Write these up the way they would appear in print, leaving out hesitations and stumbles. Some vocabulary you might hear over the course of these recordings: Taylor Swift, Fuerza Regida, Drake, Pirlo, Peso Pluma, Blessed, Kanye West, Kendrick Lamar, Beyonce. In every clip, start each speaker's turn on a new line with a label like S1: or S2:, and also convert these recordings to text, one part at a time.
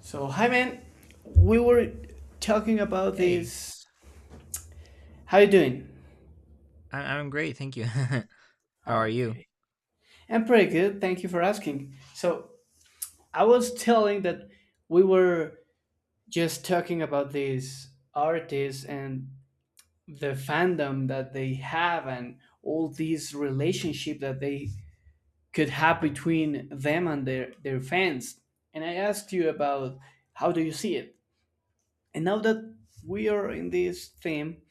S1: So hi man, we were talking about
S2: Hey,
S1: this. How you doing?
S2: I'm great, thank you. How are you?
S1: Okay, I'm pretty good. Thank you for asking. So I was telling that we were just talking about these artists and the fandom that they have and all these relationship that they could have between them and their fans. And I asked you about how do you see it. And now that we are in this theme,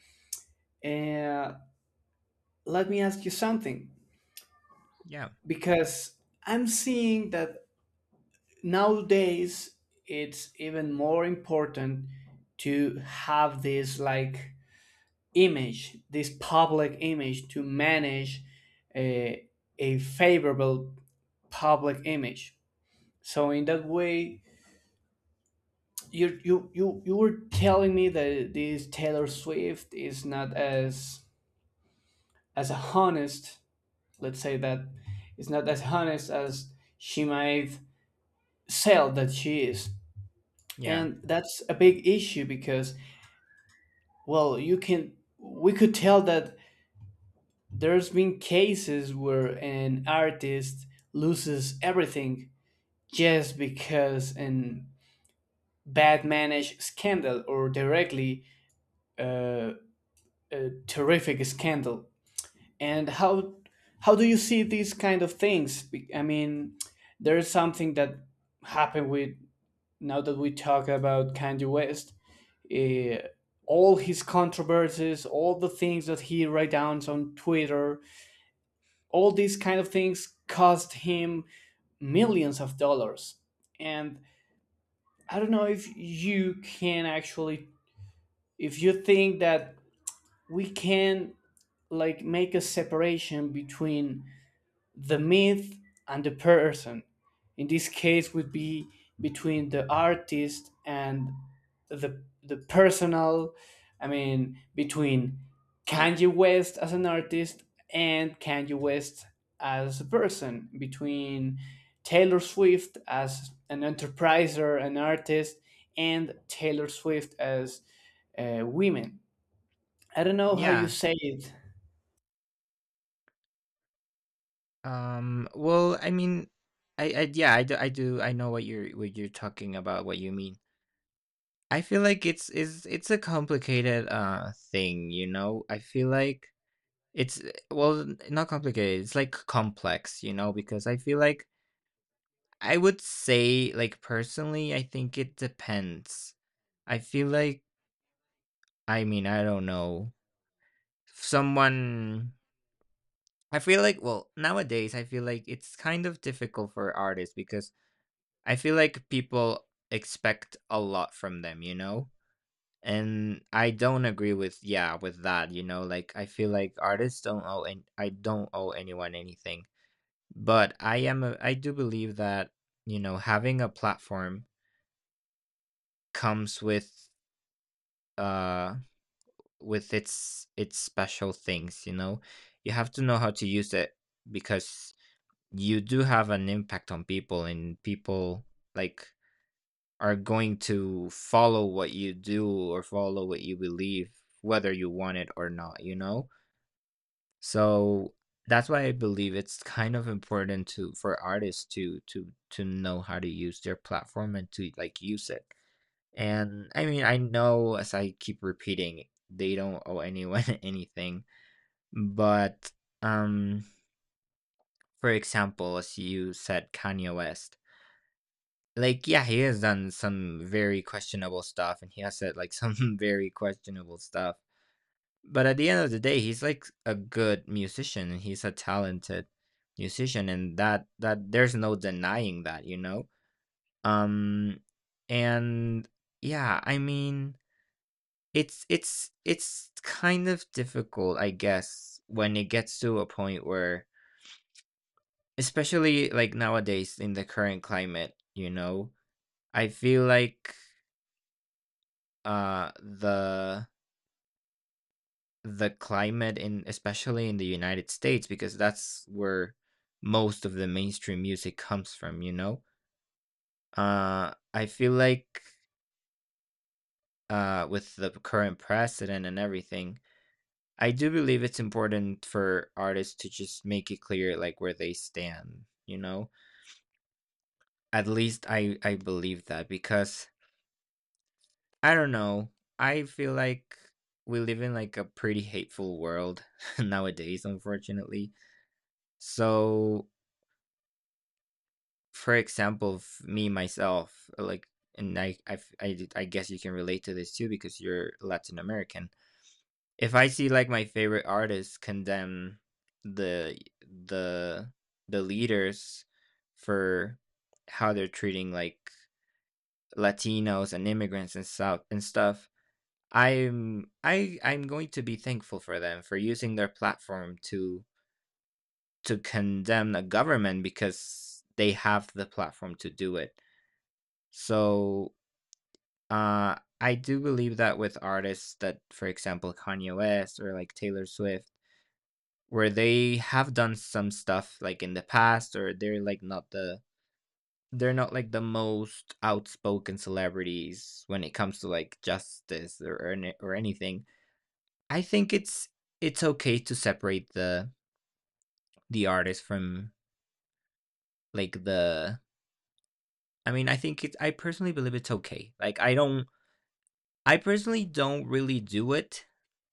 S1: uh, let me ask you something
S2: Yeah,
S1: because I'm seeing that nowadays it's even more important to have this like image, this public image to manage a, a favorable public image. So in that way, you were telling me that this Taylor Swift is not as honest. Let's say that it's not as honest as she might cell that she is,
S2: yeah,
S1: and that's a big issue because well you can, we could tell that there's been cases where an artist loses everything just because an bad managed scandal or directly uh, a terrific scandal. And how do you see these kind of things? I mean there's something that happened with, now that we talk about Kanye West, eh, all his controversies, all the things that he writes down on Twitter, all these kind of things cost him millions of dollars. And I don't know if you can actually, if you think that we can like make a separation between the myth and the person. In this case would be between the artist and the personal. I mean between Kanye West as an artist and Kanye West as a person, between Taylor Swift as an enterpriser, an artist, and Taylor Swift as women. I don't know how you
S2: yeah.
S1: say it.
S2: Well, I mean, I yeah, I do, I know what you're talking about, what you mean. I feel like it's a complicated thing, you know. I feel like it's well, not complicated. It's like complex, you know, because I feel like I would say, like personally, I think it depends. I feel like, I mean, I don't know someone I feel like, well, nowadays, I feel like it's kind of difficult for artists because I feel like people expect a lot from them, you know? And I don't agree with, yeah, with that, you know? Like, I feel like artists don't owe, and I don't owe anyone anything. But I am, a, I do believe that, you know, having a platform comes uh, with its special things, you know. You have to know how to use it, because you do have an impact on people, and people like are going to follow what you do or follow what you believe, whether you want it or not, you know. So that's why I believe it's kind of important to for artists to to know how to use their platform and to like use it. And I mean, I know, as I keep repeating, they don't owe anyone anything. But um for example, as you said, Kanye West. Like, yeah, he has done some very questionable stuff, and he has said, like, some very questionable stuff. But at the end of the day, he's, like, a good musician, and he's a talented musician, and that there's no denying that, you know? Um, and, yeah, I mean, it's kind of difficult, I guess, when it gets to a point where especially, like, nowadays in the current climate, you know? I feel like uh the the climate in, especially in the United States, because that's where most of the mainstream music comes from, you know? I feel like with the current precedent and everything, I do believe it's important for artists to just make it clear like where they stand, you know? At least I believe that, because I don't know, I feel like we live in like a pretty hateful world nowadays, unfortunately. So, for example, me myself, like, and I, f- I d- I guess you can relate to this too, because you're Latin American. If I see like my favorite artists condemn the the the leaders for how they're treating like Latinos and immigrants and stuff, I'm I'm going to be thankful for them for using their platform to condemn a government, because they have the platform to do it. So, I do believe that with artists that, for example, Kanye West or like Taylor Swift, where they have done some stuff like in the past, or they're like not the they're not like the most outspoken celebrities when it comes to like justice or or anything. I think it's okay to separate the artist from like the. I mean, I think it's. I personally believe it's okay. Like, I don't I personally don't really do it,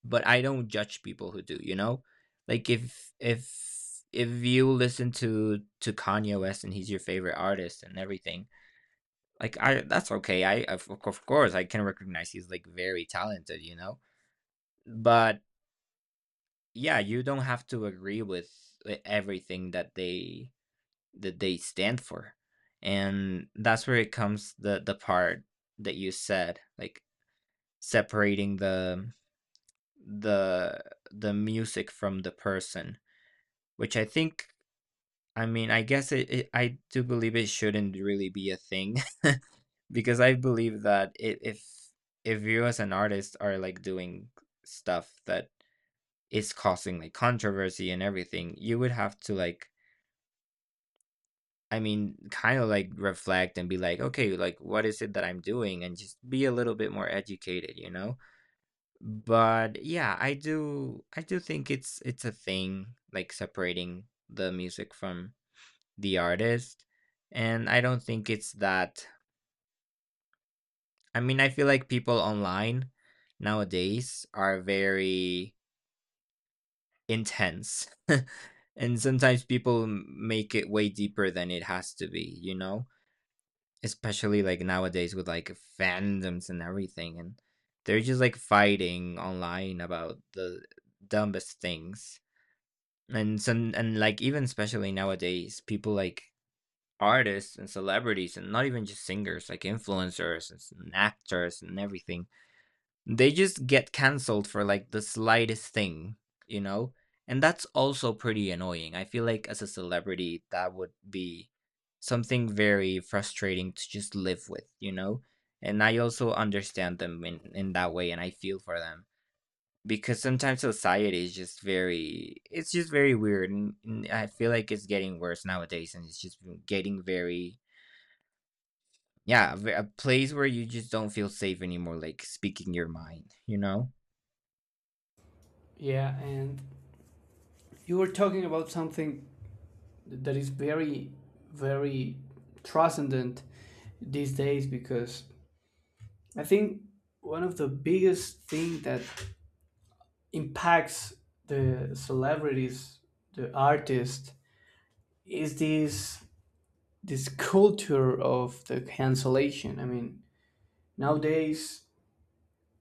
S2: but I don't judge people who do, you know? Like if you listen to Kanye West and he's your favorite artist and everything, like I that's okay. I Of course I can recognize he's like very talented, you know? But yeah, you don't have to agree with everything that they stand for. And that's where it comes the part that you said, like separating the the music from the person, which I think I mean, I guess it, it I do believe it shouldn't really be a thing because I believe that if you as an artist are like doing stuff that is causing like controversy and everything, you would have to like I mean, kind of like reflect and be like, okay, like what is it that I'm doing, and just be a little bit more educated, you know? But yeah, I do think it's a thing, like separating the music from the artist. And I don't think it's that I mean, I feel like people online nowadays are very intense. And sometimes people make it way deeper than it has to be, you know? Especially like nowadays with like fandoms and everything, and they're just like fighting online about the dumbest things. And some and like even especially nowadays people like artists and celebrities, and not even just singers, like influencers and actors and everything, they just get canceled for like the slightest thing, you know. And that's also pretty annoying. I feel like as a celebrity that would be something very frustrating to just live with, you know. And I also understand them in that way, and I feel for them, because sometimes society is just very it's just very weird, and I feel like it's getting worse nowadays, and it's just getting very yeah a place where you just don't feel safe anymore, like speaking your mind, you know.
S1: Yeah, and you were talking about something that is very very transcendent these days because I think one of the biggest thing that impacts the celebrities, the artists, is this culture of the cancellation. I mean, nowadays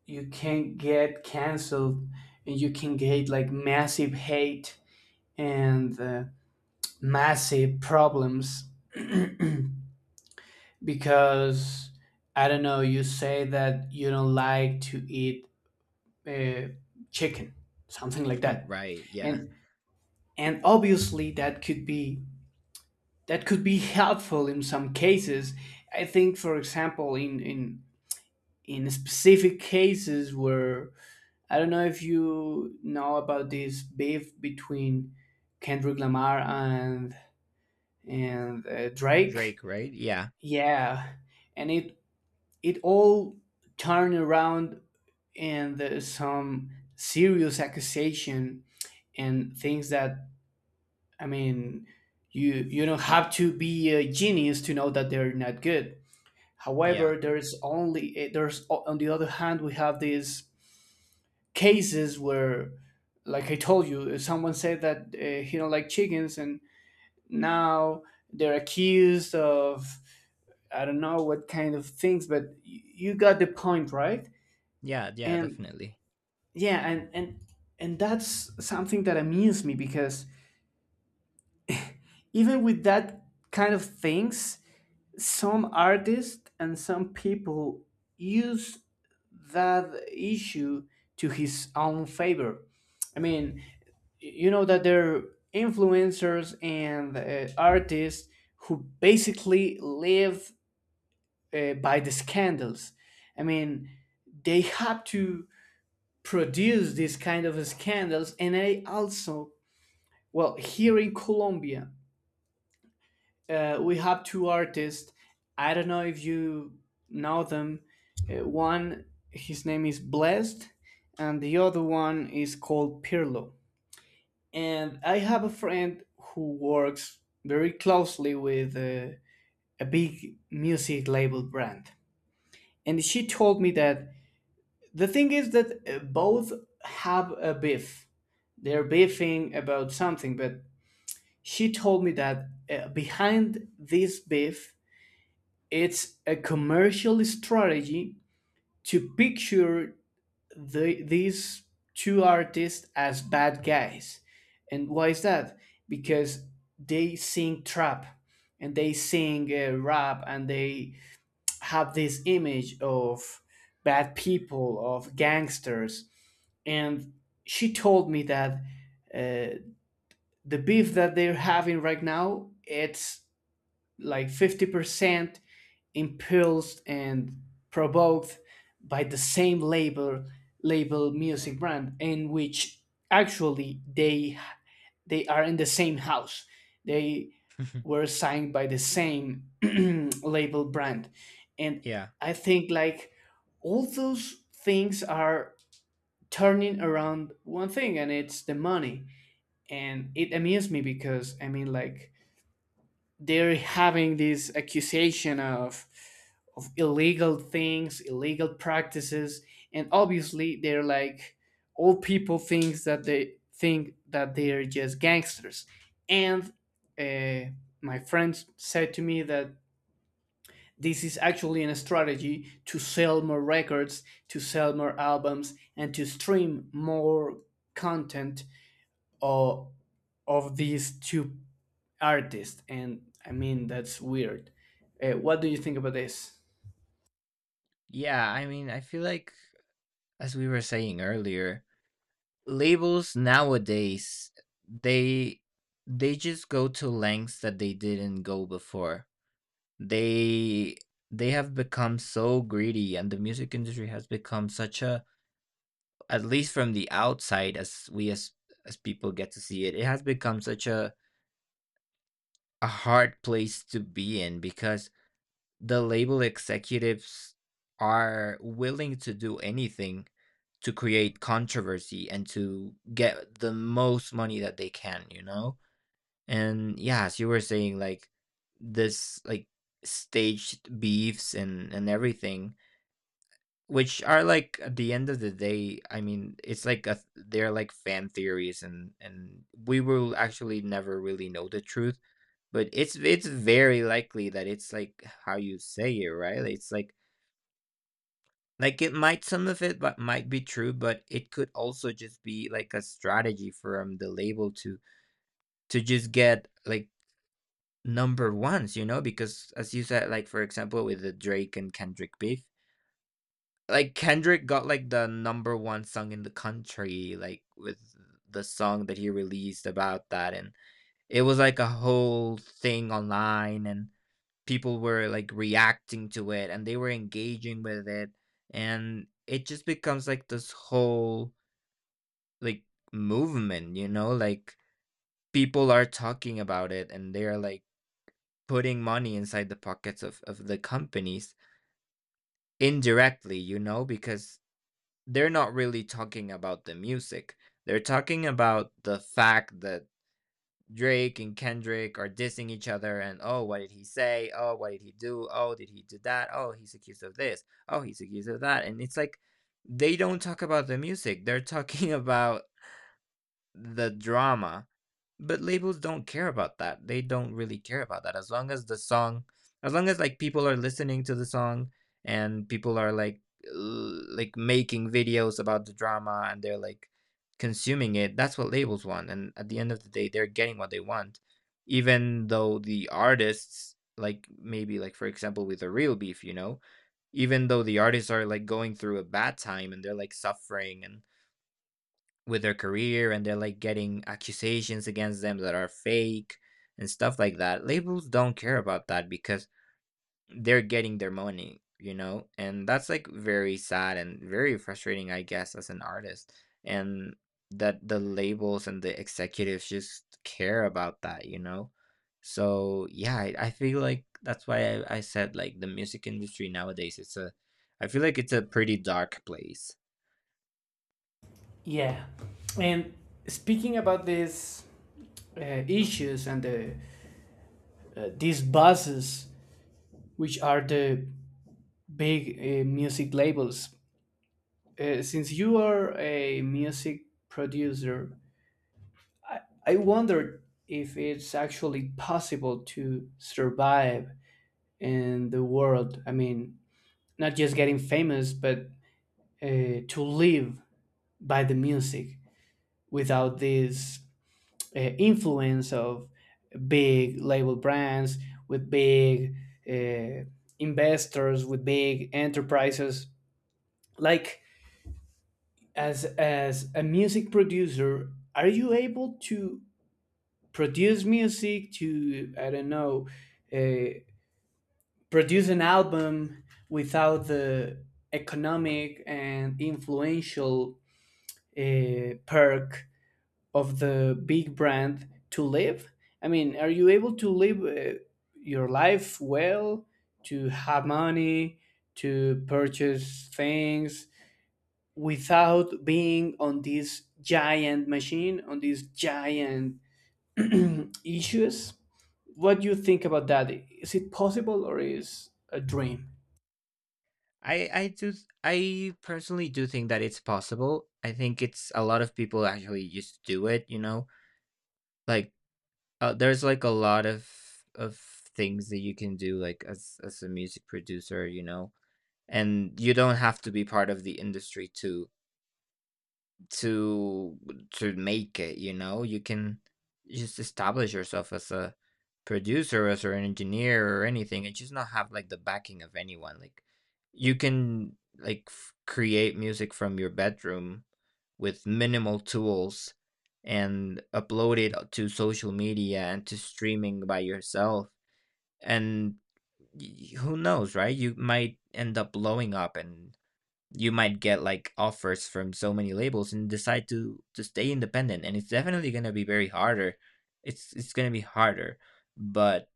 S1: you can get canceled and you can get like massive hate and massive problems because, I don't know, you say that you don't like to eat uh, chicken, something like that,
S2: Right, yeah.
S1: and and obviously that could be, that could be helpful in some cases. I think, for example, in in specific cases where, I don't know if you know about this beef between Kendrick Lamar and Drake.
S2: Drake, right, yeah.
S1: Yeah, and it all turned around, and there's some serious accusation and things that, I mean, you don't have to be a genius to know that they're not good.
S2: Yeah,
S1: However, there's only there's, on the other hand we have these cases where, like I told you, someone said that he don't like chickens, and now they're accused of I don't know what kind of things, but you got the point, right?
S2: yeah, yeah,
S1: And
S2: definitely.
S1: yeah, and that's something that amused me because even with that kind of things some artists and some people use that issue to his own favor. I mean, you know that there are influencers and artists who basically live by the scandals. I mean they have to produce these kind of scandals, and they also. Well, here in Colombia, we have two artists. I don't know if you know them. One, his name is Blessed, and the other one is called Pirlo. And I have a friend who works very closely with a big music label brand. And she told me that the thing is that both have a beef. They're beefing about something, but she told me that behind this beef, it's a commercial strategy to picture these two artists as bad guys. And why is that? Because they sing trap and they sing rap, and they have this image of bad people, of gangsters. And she told me that uh, the beef that they're having right now, it's like 50% impulsed and provoked by the same label music brand in which actually they are in the same house. They were signed by the same label brand, and
S2: Yeah,
S1: I think like all those things are turning around one thing, and it's the money. And it amused me because, I mean, like, they're having this accusation of illegal things, illegal practices, and obviously they're like, all people thinks that, they think that they're just gangsters. And uh, my friends said to me that this is actually a strategy to sell more records, to sell more albums, and to stream more content all of these two artists. And I mean that's weird. What do you think about this?
S2: yeah, I mean, I feel like, as we were saying earlier, labels nowadays, they they just go to lengths that they didn't go before. they they have become so greedy, and the music industry has become such a at least from the outside, as we as people get to see it, it has become such a hard place to be in, because the label executives are willing to do anything to create controversy and to get the most money that they can, you know. And yeah, as you were saying, like this like staged beefs and everything. Which are like at the end of the day, I mean, it's like a they're like fan theories, and we will actually never really know the truth, but it's very likely that it's like how you say it, right? It's like it might some of it but might be true, but it could also just be like a strategy from the label to just get like number ones, you know, because as you said, like for example with the Drake and Kendrick beef, like, Kendrick got, like, the number 1 song in the country, like, with the song that he released about that, and it was, like, a whole thing online, and people were, like, reacting to it, and they were engaging with it, and it just becomes, like, this whole, like, movement, you know? Like, people are talking about it, and they are, like, putting money inside the pockets of the companies indirectly, you know? Because they're not really talking about the music. They're talking about the fact that Drake and Kendrick are dissing each other, and oh what did he say? Oh what did he do? Oh did he do that? Oh he's accused of this. Oh he's accused of that. And it's like they don't talk about the music. They're talking about the drama. But labels don't care about that. They don't really care about that. As long as the song, as long as like people are listening to the song and people are like like making videos about the drama and they're like consuming it, that's what labels want. And at the end of the day, they're getting what they want, even though the artists, like maybe like for example with a real beef, you know, even though the artists are like going through a bad time and they're like suffering and with their career and they're like getting accusations against them that are fake and stuff like that. Labels don't care about that because they're getting their money, you know? And that's like very sad and very frustrating, I guess, as an artist. And that the labels and the executives just care about that, you know? So yeah, I feel like that's why I said like the music industry nowadays it's a I feel like it's a pretty dark place.
S1: Yeah, and speaking about these uh, issues and these bosses, which are the big music labels, since you are a music producer, I, I wondered if it's actually possible to survive in the world. I mean, not just getting famous, but to live by the music without this influence of big label brands, with big uh, investors, with big enterprises. Like as a music producer, are you able to produce music to, I don't know, uh, produce an album without the economic and influential perk of the big brand to live? I mean, are you able to live your life well, to have money, to purchase things, without being on this giant machine, on these giant issues? What do you think about that? Is it possible, or is a dream?
S2: I do I personally do think that it's possible. I think it's a lot of people actually just do it, you know? Like there's like a lot of of things that you can do like as a music producer, you know? And you don't have to be part of the industry to to to make it, you know? You can just establish yourself as a producer, as an engineer or anything, and just not have like the backing of anyone. Like you can create music from your bedroom with minimal tools and upload it to social media and to streaming by yourself and who knows, right? You might end up blowing up and you might get like offers from so many labels and decide to stay independent. And it's definitely going to be very harder. It's going to be harder, but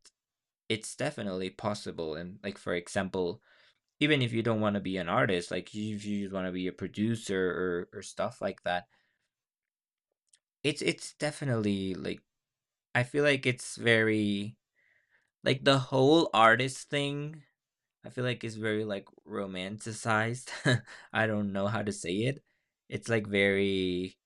S2: it's definitely possible. And like for example, even if you don't want to be an artist, like if you just want to be a producer or stuff like that, it's definitely like, I feel like it's very like, the whole artist thing, I feel like it's very like romanticized. I don't know how to say it. It's like very,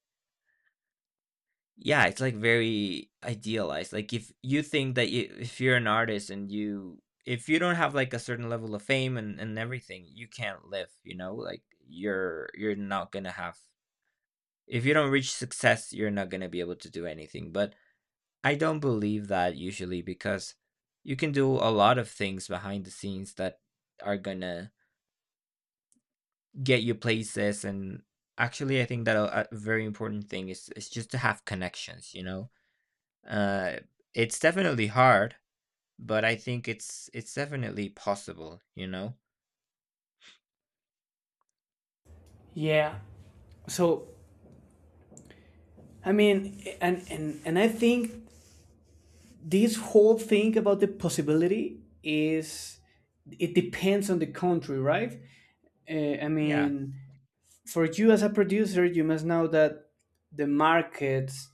S2: yeah, it's like very idealized. Like if you think that if you're an artist and you if you don't have like a certain level of fame and everything, you can't live, you know? Like you're not gonna have, if you don't reach success, you're not gonna be able to do anything. But I don't believe that usually, because you can do a lot of things behind the scenes that are gonna get you places. And actually I think that a very important thing is just to have connections, you know? Uh, it's definitely hard, but I think it's definitely possible, you know?
S1: Yeah, so, I mean, and I think this whole thing about the possibility is, it depends on the country, right? I
S2: Yeah,
S1: mean, for you as a producer, you must know that the markets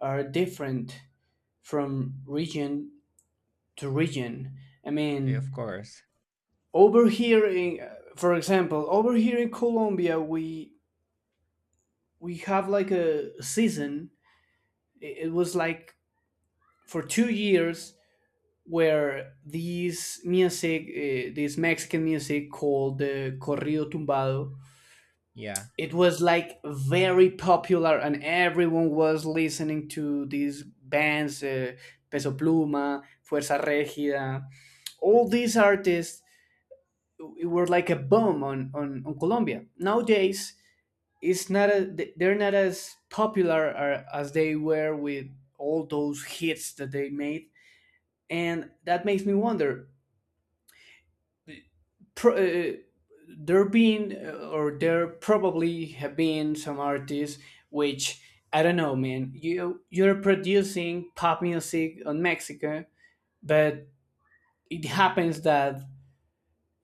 S1: are different from region to region. I
S2: eh,
S1: mean,
S2: of course.
S1: over here, in, for example, over here in Colombia, we have like a season. It was like for 2 years where this music, this Mexican music called the corrido tumbado,
S2: Yeah.
S1: it was like very popular and everyone was listening to these bands, peso pluma, fuerza regida, all these artists were like a boom on, Colombia. Nowadays it's not they're not as popular as they were with all those hits that they made. And that makes me wonder, pro- uh, there been or there probably have been some artists which, I don't know, man. You're producing pop music on Mexico, but it happens that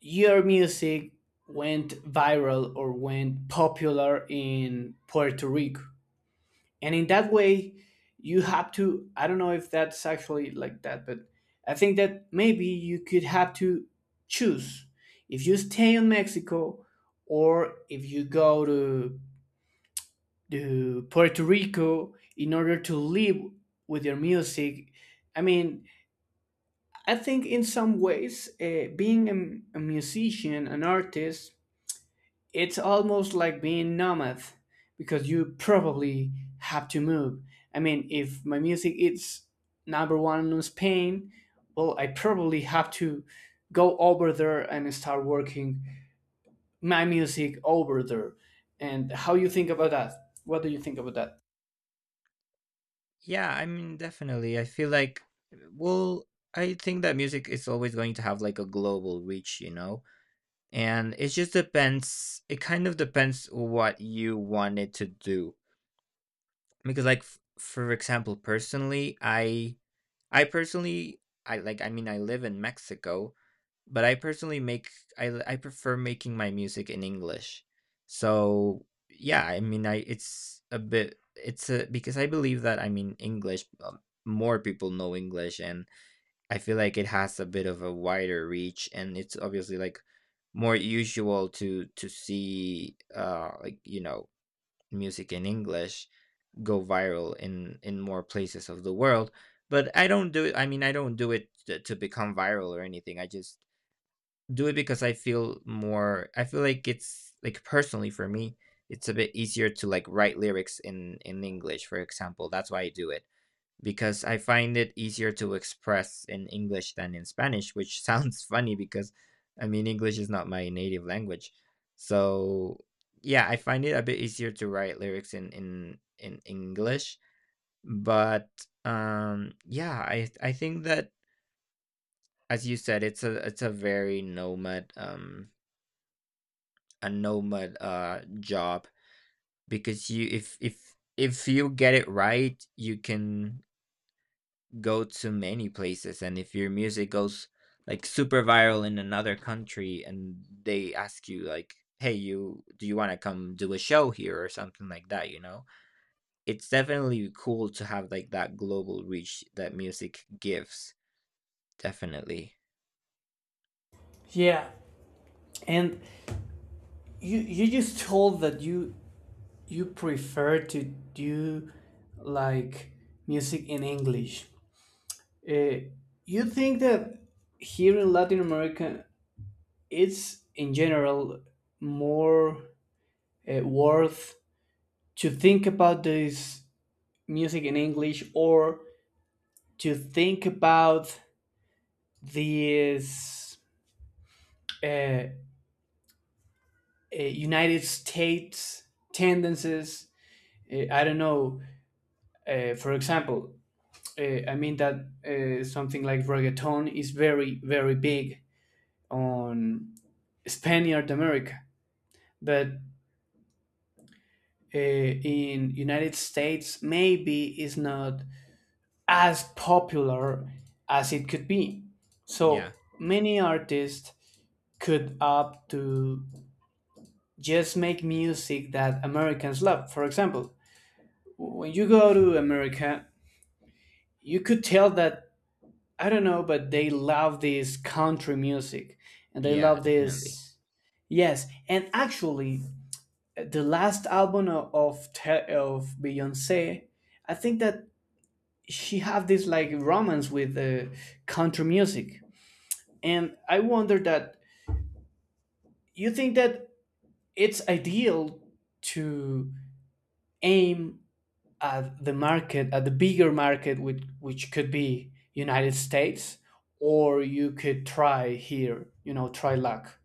S1: your music went viral or went popular in Puerto Rico, and in that way you have to, I don't know if that's actually like that, but I think that maybe you could have to choose if you stay in Mexico or if you go to Puerto Rico in order to live with your music. I mean, I think in some ways being a musician, an artist, it's almost like being nomad, because you probably have to move. I mean, if my music is number one in Spain, well, I probably have to go over there and start working my music over there. And how you think about that? What do you think about that?
S2: Yeah, I mean, definitely. I feel like, well, I think that music is always going to have like a global reach, you know? And it kind of depends what you want it to do. Because for example, personally, I personally, I mean, I live in Mexico, but I personally make, I prefer making my music in English. So yeah, I mean, I it's a bit, it's a, because I believe that, I mean, English, more people know English, and I feel like it has a bit of a wider reach, and it's obviously like more usual to see, like, you know, music in English go viral in more places of the world. But I mean, I don't do it to become viral or anything. I just do it because I feel like it's like, personally for me, it's a bit easier to like write lyrics in English, for example. That's why I do it, because I find it easier to express in English than in Spanish, which sounds funny because I mean English is not my native language. So yeah, I find it a bit easier to write lyrics in English. But yeah, I think that as you said, it's a, very nomad, a nomad job, because you if if you get it right, you can go to many places. And if your music goes like super viral in another country and they ask you like, hey, you do you want to come do a show here or something like that, you know, it's definitely cool to have like that global reach that music gives. Definitely.
S1: Yeah. And you just told that you prefer to do like music in English. Uh, you think that here in Latin America, it's in general more worth to think about this music in English, or to think about these uh, United States tendencies? I don't know. For example, I mean that something like reggaeton is very, very big on Spaniard America, but in United States maybe is not as popular as it could be.
S2: Yeah.
S1: So many artists could opt to just make music that Americans love. For example, when you go to America, you could tell that, I don't know, but they love this country music, and they
S2: Yeah,
S1: love
S2: definitely.
S1: this. Yes, and actually, the last album of of Beyonce, I think that she have this like romance with country music. And I wonder that, you think that it's ideal to aim at the market, at the bigger market, which could be United States, or you could try here, try luck?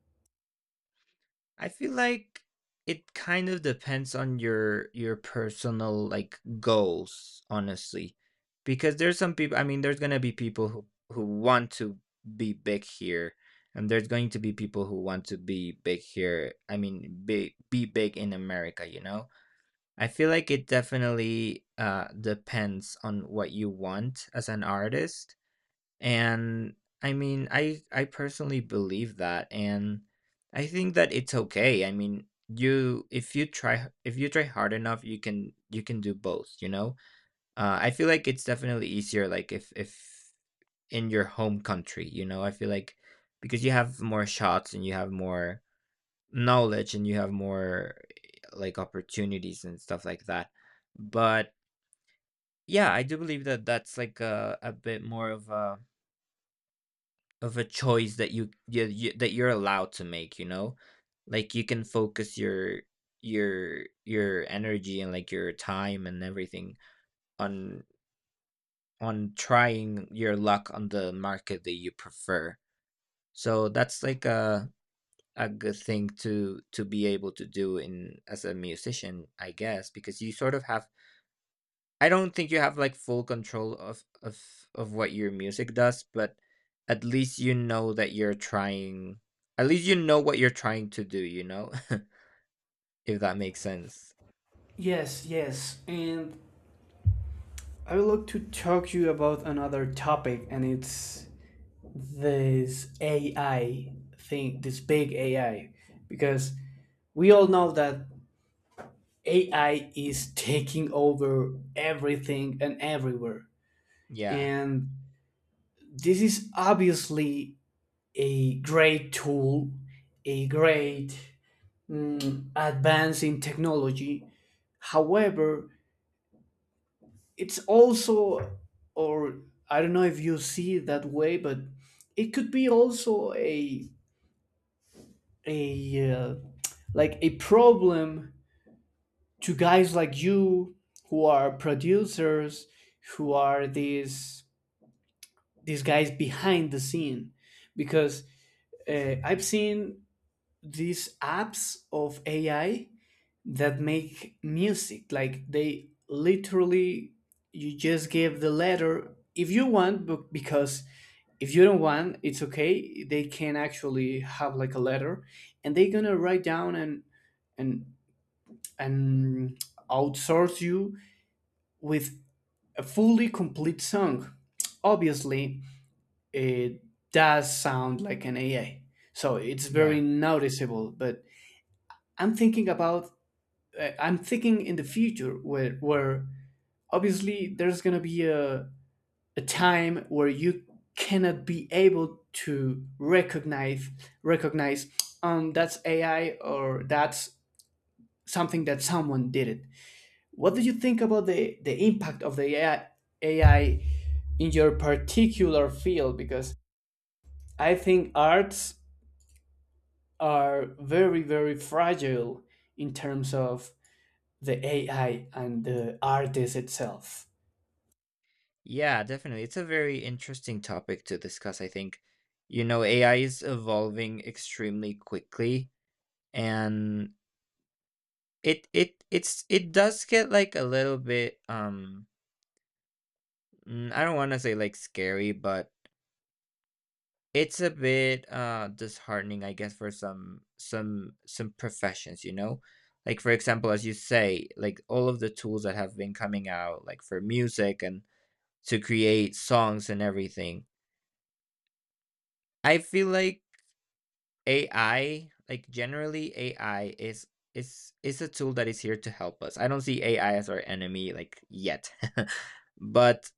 S2: I feel like it kind of depends on your personal like goals, honestly. Because there's some people, I mean, there's going to be people who want to be big here, and there's going to be people who want to be big here, I mean, be big in America, you know? I feel like it definitely depends on what you want as an artist. And I mean, I personally believe that, and I think that it's okay. I mean, you if you try, if you try hard enough, you can do both. You know, I feel like it's definitely easier. Like if in your home country, you know, I feel like, because you have more shots and you have more knowledge and you have more like opportunities and stuff like that. But yeah, I do believe that that's like a bit more of a, of a choice that you, that you're allowed to make, you know, like you can focus your energy and like your time and everything on trying your luck on the market that you prefer. So that's like a good thing to be able to do in, as a musician, I guess. Because you sort of have, I don't think you have like full control of of what your music does, but at least you know that you're trying, at least you know what you're trying to do, you know? If that makes sense.
S1: Yes, yes, and I would like to talk to you about another topic, and it's this AI thing, this big AI, because we all know that AI is taking over everything and everywhere.
S2: Yeah.
S1: And this is obviously a great tool, a great, advance in technology. However, it's also, or I don't know if you see it that way, but it could be also a like a problem to guys like you, who are producers, who are these guys behind the scene, because I've seen these apps of AI that make music. Like they literally, you just give the letter if you want, but because if you don't want, it's okay. They can actually have like a letter, and they're gonna write down and and outsource you with a fully complete song. Obviously, it does sound like an AI. So it's
S2: Yeah.
S1: very noticeable. But I'm thinking about, I'm thinking in the future where, obviously there's gonna be a time where you cannot be able to recognize, that's AI or that's something that someone did it. What do you think about the impact of the AI, in your particular field? Because I think arts are very very fragile in terms of the AI and the artist itself.
S2: Yeah, definitely. It's a very interesting topic to discuss, I think. You know, AI is evolving extremely quickly. And it does get like a little bit, I don't want to say like scary, but it's a bit, disheartening, I guess, for some, some professions, you know? Like, for example, as you say, like, all of the tools that have been coming out, like, for music and to create songs and everything. I feel like AI, like, generally, AI is a tool that is here to help us. I don't see AI as our enemy, like, yet. But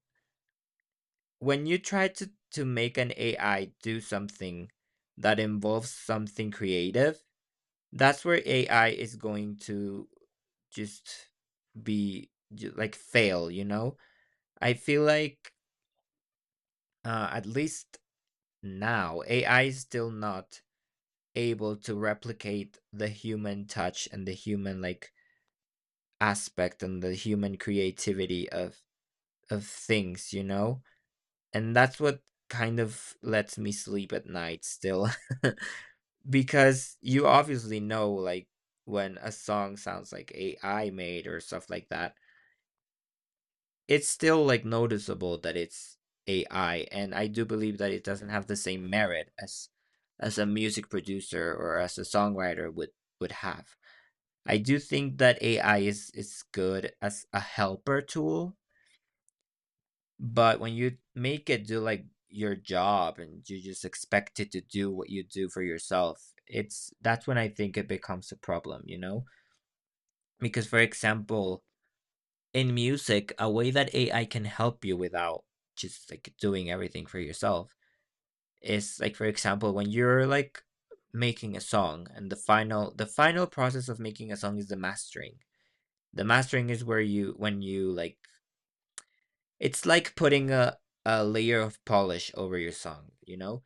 S2: when you try to make an AI do something that involves something creative, that's where AI is going to just like fail, you know? I feel like, at least now AI is still not able to replicate the human touch and the human like aspect and the human creativity of things, you know? And that's what kind of lets me sleep at night still. Because you obviously know like when a song sounds like AI made or stuff like that, it's still like noticeable that it's AI. And I do believe that it doesn't have the same merit as a music producer or as a songwriter would have. I do think that AI is good as a helper tool, but when you make it do like your job and you just expect it to do what you do for yourself, it's that's when I think it becomes a problem, you know? Because for example, in music, a way that AI can help you without just like doing everything for yourself is like, for example, when you're like making a song, and the final, process of making a song is the mastering. The mastering is where you, when you like, it's like putting a layer of polish over your song, you know?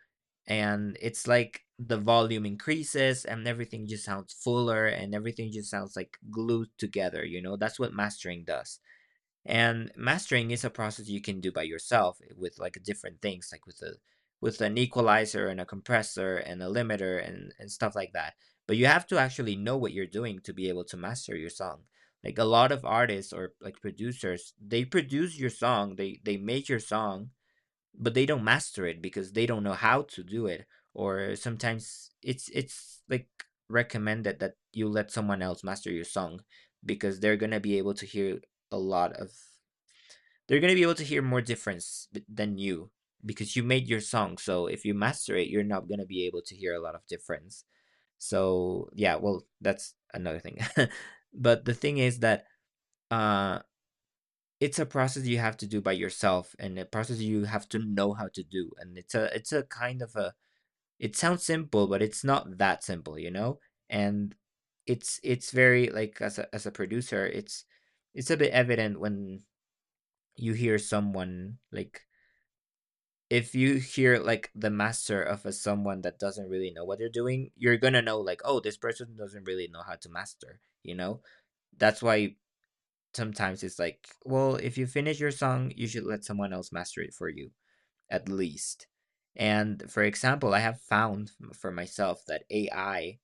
S2: And it's like the volume increases and everything just sounds fuller and everything just sounds like glued together, you know? That's what mastering does. And mastering is a process you can do by yourself, with like different things, like with a, with an equalizer and a compressor and a limiter and stuff like that. But you have to actually know what you're doing to be able to master your song. Like a lot of artists or like producers, they produce your song, they make your song, but they don't master it because they don't know how to do it. Or sometimes it's like recommended that you let someone else master your song, because they're gonna be able to hear a lot of, they're going to be able to hear more difference than you, because you made your song, so if you master it you're not going to be able to hear a lot of difference. So yeah, well, that's another thing. But the thing is that uh it's a process you have to do by yourself, and a process you have to know how to do. And it's a, kind of a, it sounds simple but it's not that simple, you know? And it's very like, as a, as a producer, it's a bit evident when you hear someone like, if you hear like the master of a, someone that doesn't really know what they're doing, you're gonna know like, oh, this person doesn't really know how to master, you know? That's why sometimes it's like, well, if you finish your song, you should let someone else master it for you, at least. And for example, I have found for myself that AI,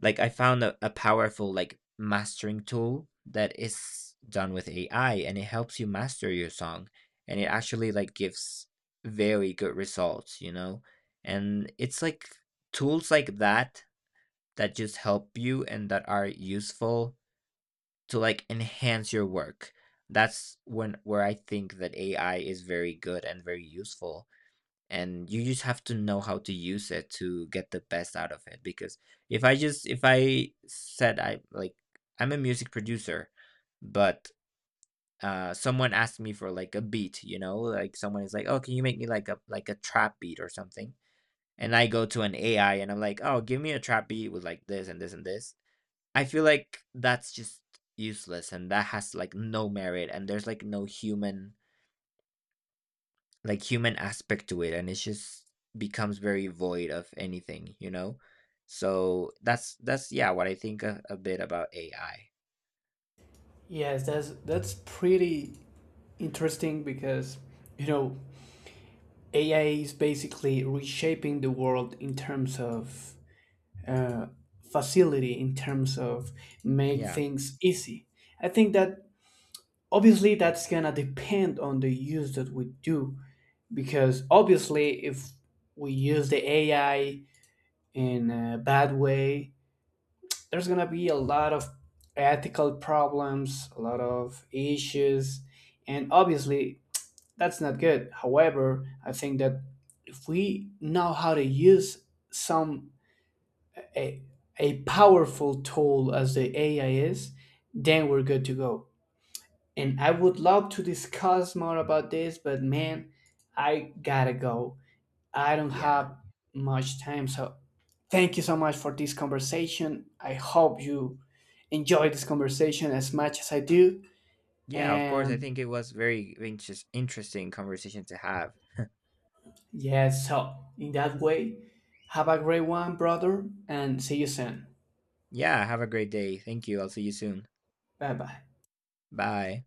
S2: like, I found a powerful like mastering tool that is done with AI, and it helps you master your song, and it actually like gives very good results, you know? And it's like tools like that, that just help you and that are useful to like enhance your work. That's when, where I think that AI is very good and very useful. And you just have to know how to use it to get the best out of it. Because if I said, I'm a music producer, but someone asked me for like a beat, you know, like someone is like, oh, can you make me like a, like a trap beat or something, and I go to an AI and I'm like, oh, give me a trap beat with like this and this and this, I feel like that's just useless, and that has like no merit, and there's like no human, like human aspect to it, and it just becomes very void of anything, you know? So that's, yeah, what I think a bit about AI.
S1: Yes, that's pretty interesting because, you know, AI is basically reshaping the world in terms of, uh, facility, in terms of make
S2: yeah
S1: things easy. I think that obviously that's gonna depend on the use that we do, because obviously if we use the AI in a bad way, there's going to be a lot of ethical problems, a lot of issues, and obviously that's not good. However, I think that if we know how to use some a, a powerful tool as the AI is, then we're good to go. And I would love to discuss more about this, but man, I gotta go. I don't
S2: yeah
S1: have much time, so thank you so much for this conversation. I hope you enjoy this conversation as much as I do.
S2: Yeah, of course. I
S1: And
S2: think it was very interesting conversation to have.
S1: yes, so in that way, have a great one, brother, and see you soon.
S2: Yeah, have a great day, thank you, I'll see you soon.
S1: Bye bye.
S2: Bye.